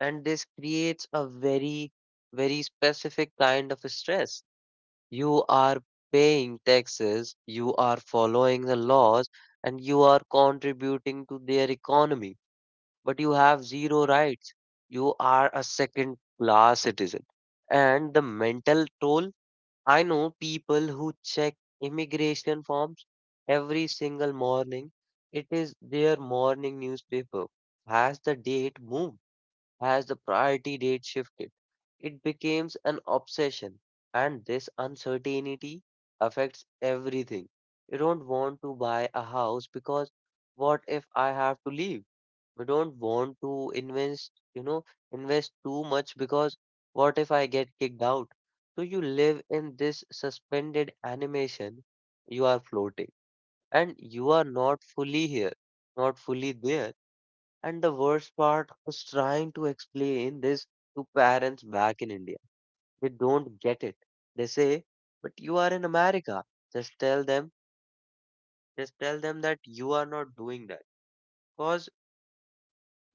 Speaker 1: and this creates a very specific kind of stress you are paying taxes you are following the laws and you are contributing to their economy but you have zero rights you are a second class citizen and the mental toll I know people who check immigration forms every single morning it is their morning newspaper has the date moved as the priority date shifted, it becomes an obsession, and this uncertainty affects everything. You don't want to buy a house because what if I have to leave? You don't want to invest, invest too much because what if I get kicked out? So you live in this suspended animation, you are floating and you are not fully here, not fully there. And the worst part was trying to explain this to parents back in India. They don't get it. They say, but you are in America. Just tell them, just tell them that you are not doing that. Because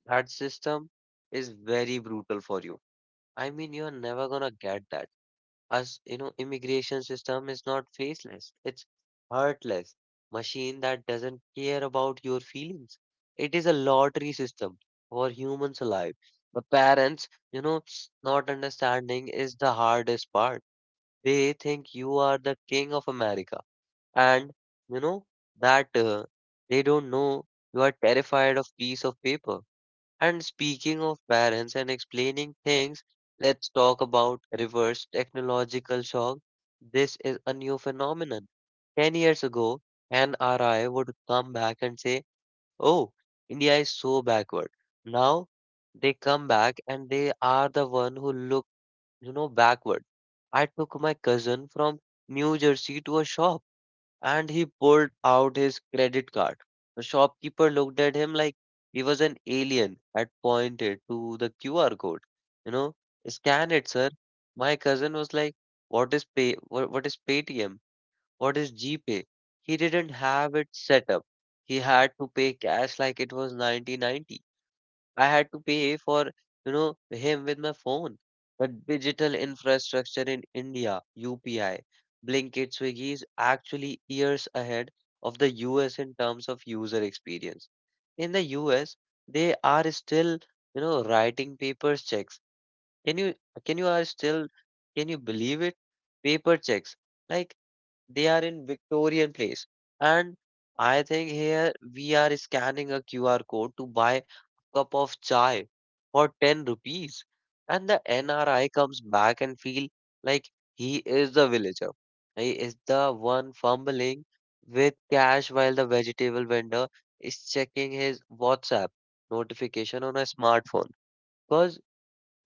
Speaker 1: that system is very brutal for you. I mean, you're never gonna get that. As you know, immigration system is not faceless. It's heartless machine that doesn't care about your feelings. It is a lottery system for humans alive. The parents, not understanding is the hardest part. They think you are the king of America, and you know that they don't know you are terrified of piece of paper. And speaking of parents and explaining things, let's talk about reverse technological shock. This is a new phenomenon. 10 years ago, an RI would come back and say, oh, India is so backward. Now they come back and they are the one who look, backward. I took my cousin from New Jersey to a shop and he pulled out his credit card. The shopkeeper looked at him like he was an alien and pointed to the QR code. You know, scan it, sir. My cousin was like, "What is pay? What is Paytm? What is GPay?" He didn't have it set up. He had to pay cash like it was 1990. I had to pay for him with my phone. But digital infrastructure in India, UPI, Blinkit, Swiggy is actually years ahead of the US in terms of user experience. In the US, they are still, writing paper checks. Can you can you are still can you believe it? Paper checks. Like they are in Victorian place. And I think here we are scanning a QR code to buy a cup of chai for 10 rupees. And the NRI comes back and feel like he is the villager. He is the one fumbling with cash while the vegetable vendor is checking his WhatsApp notification on a smartphone. Because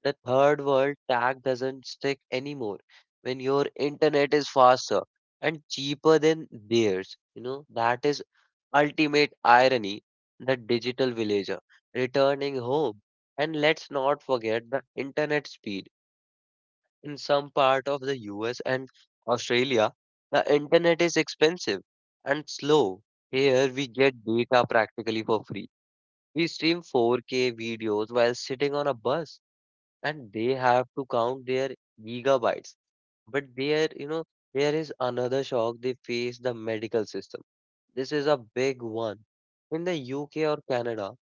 Speaker 1: the third world tag doesn't stick anymore when your internet is faster and cheaper than theirs. That is ultimate irony, the digital villager returning home. And let's not forget the internet speed. In some part of the US and Australia, the internet is expensive and slow. Here we get data practically for free. We stream 4K videos while sitting on a bus and they have to count their gigabytes. But there is another shock they face: the medical system. This is a big one. In the UK or Canada,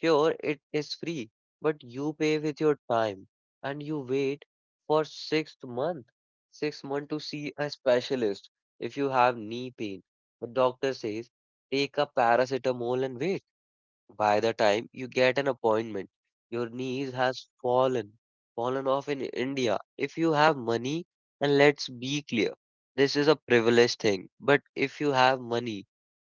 Speaker 1: sure, it is free, but you pay with your time and you wait for six month to see a specialist if you have knee pain. The doctor says, take a paracetamol and wait. By the time you get an appointment, your knees has fallen off in India. If you have money, and let's be clear, this is a privileged thing. But if you have money,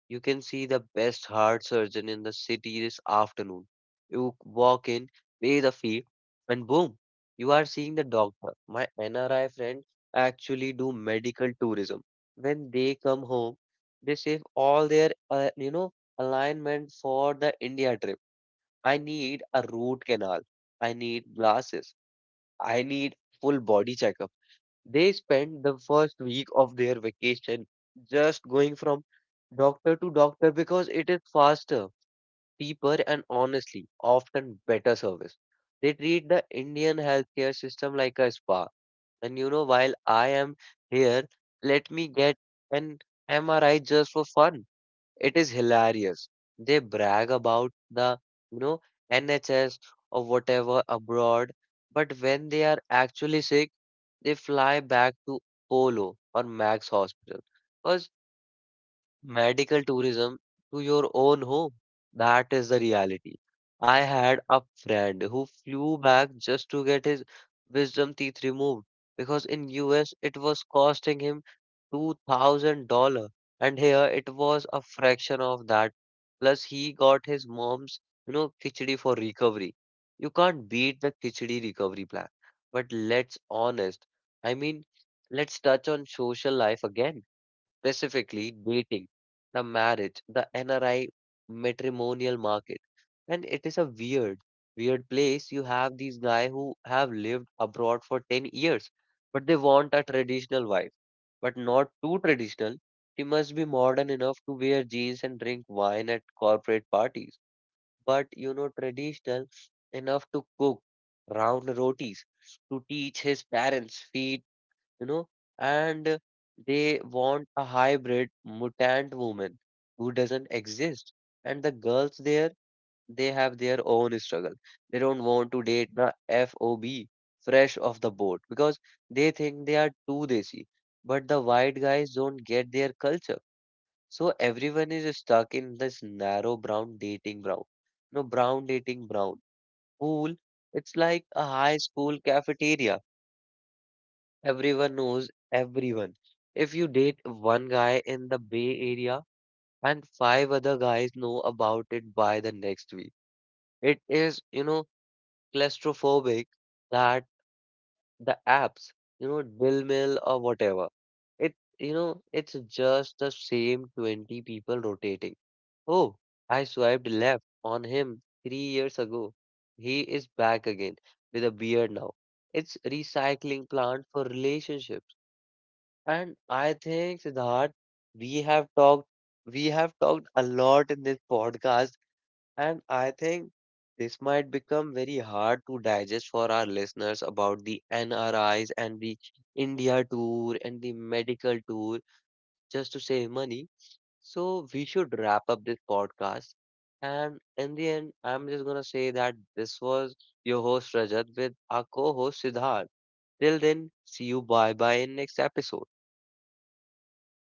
Speaker 1: you can see the best heart surgeon in the city this afternoon. You walk in, pay the fee, and boom, you are seeing the doctor. My NRI friend actually do medical tourism. When they come home, they save all their alignment for the India trip. I need a root canal. I need glasses. I need full body checkup. They spend the first week of their vacation just going from doctor to doctor because it is faster, cheaper, and honestly, often better service. They treat the Indian healthcare system like a spa. And while I am here, let me get an MRI just for fun. It is hilarious. They brag about the, you know, NHS or whatever abroad, but when they are actually sick, they fly back to Polo or Max Hospital. Because medical tourism to your own home. That is the reality. I had a friend who flew back just to get his wisdom teeth removed because in US it was costing him $2,000 and here it was a fraction of that. Plus he got his mom's khichdi for recovery. You can't beat the khichdi recovery plan. But let's honest. I mean, let's touch on social life again, specifically dating, the marriage, the NRI matrimonial market. And it is a weird, weird place. You have these guys who have lived abroad for 10 years, but they want a traditional wife, but not too traditional. She must be modern enough to wear jeans and drink wine at corporate parties, but traditional enough to cook round rotis, to teach his parents, feed you know, and they want a hybrid mutant woman who doesn't exist. And the girls there, they have their own struggle. They don't want to date the FOB, fresh off the boat, because they think they are too desi. But the white guys don't get their culture. So everyone is stuck in this narrow brown dating brown. No, brown dating brown pool. It's like a high school cafeteria. Everyone knows everyone. If you date one guy in the Bay Area and five other guys know about it by the next week, it is, claustrophobic, that the apps, Dill Mill or whatever. It's just the same 20 people rotating. Oh, I swiped left on him 3 years ago. He is back again with a beard now. It's recycling plant for relationships. And I think, Siddharth, we have talked we have talked a lot in this podcast, and I think this might become very hard to digest for our listeners about the NRIs and the India tour and the medical tour just to save money. So we should wrap up this podcast. And in the end, I'm just gonna say that this was your host Rajat with our co-host Siddharth. Till then, see you bye bye in next episode.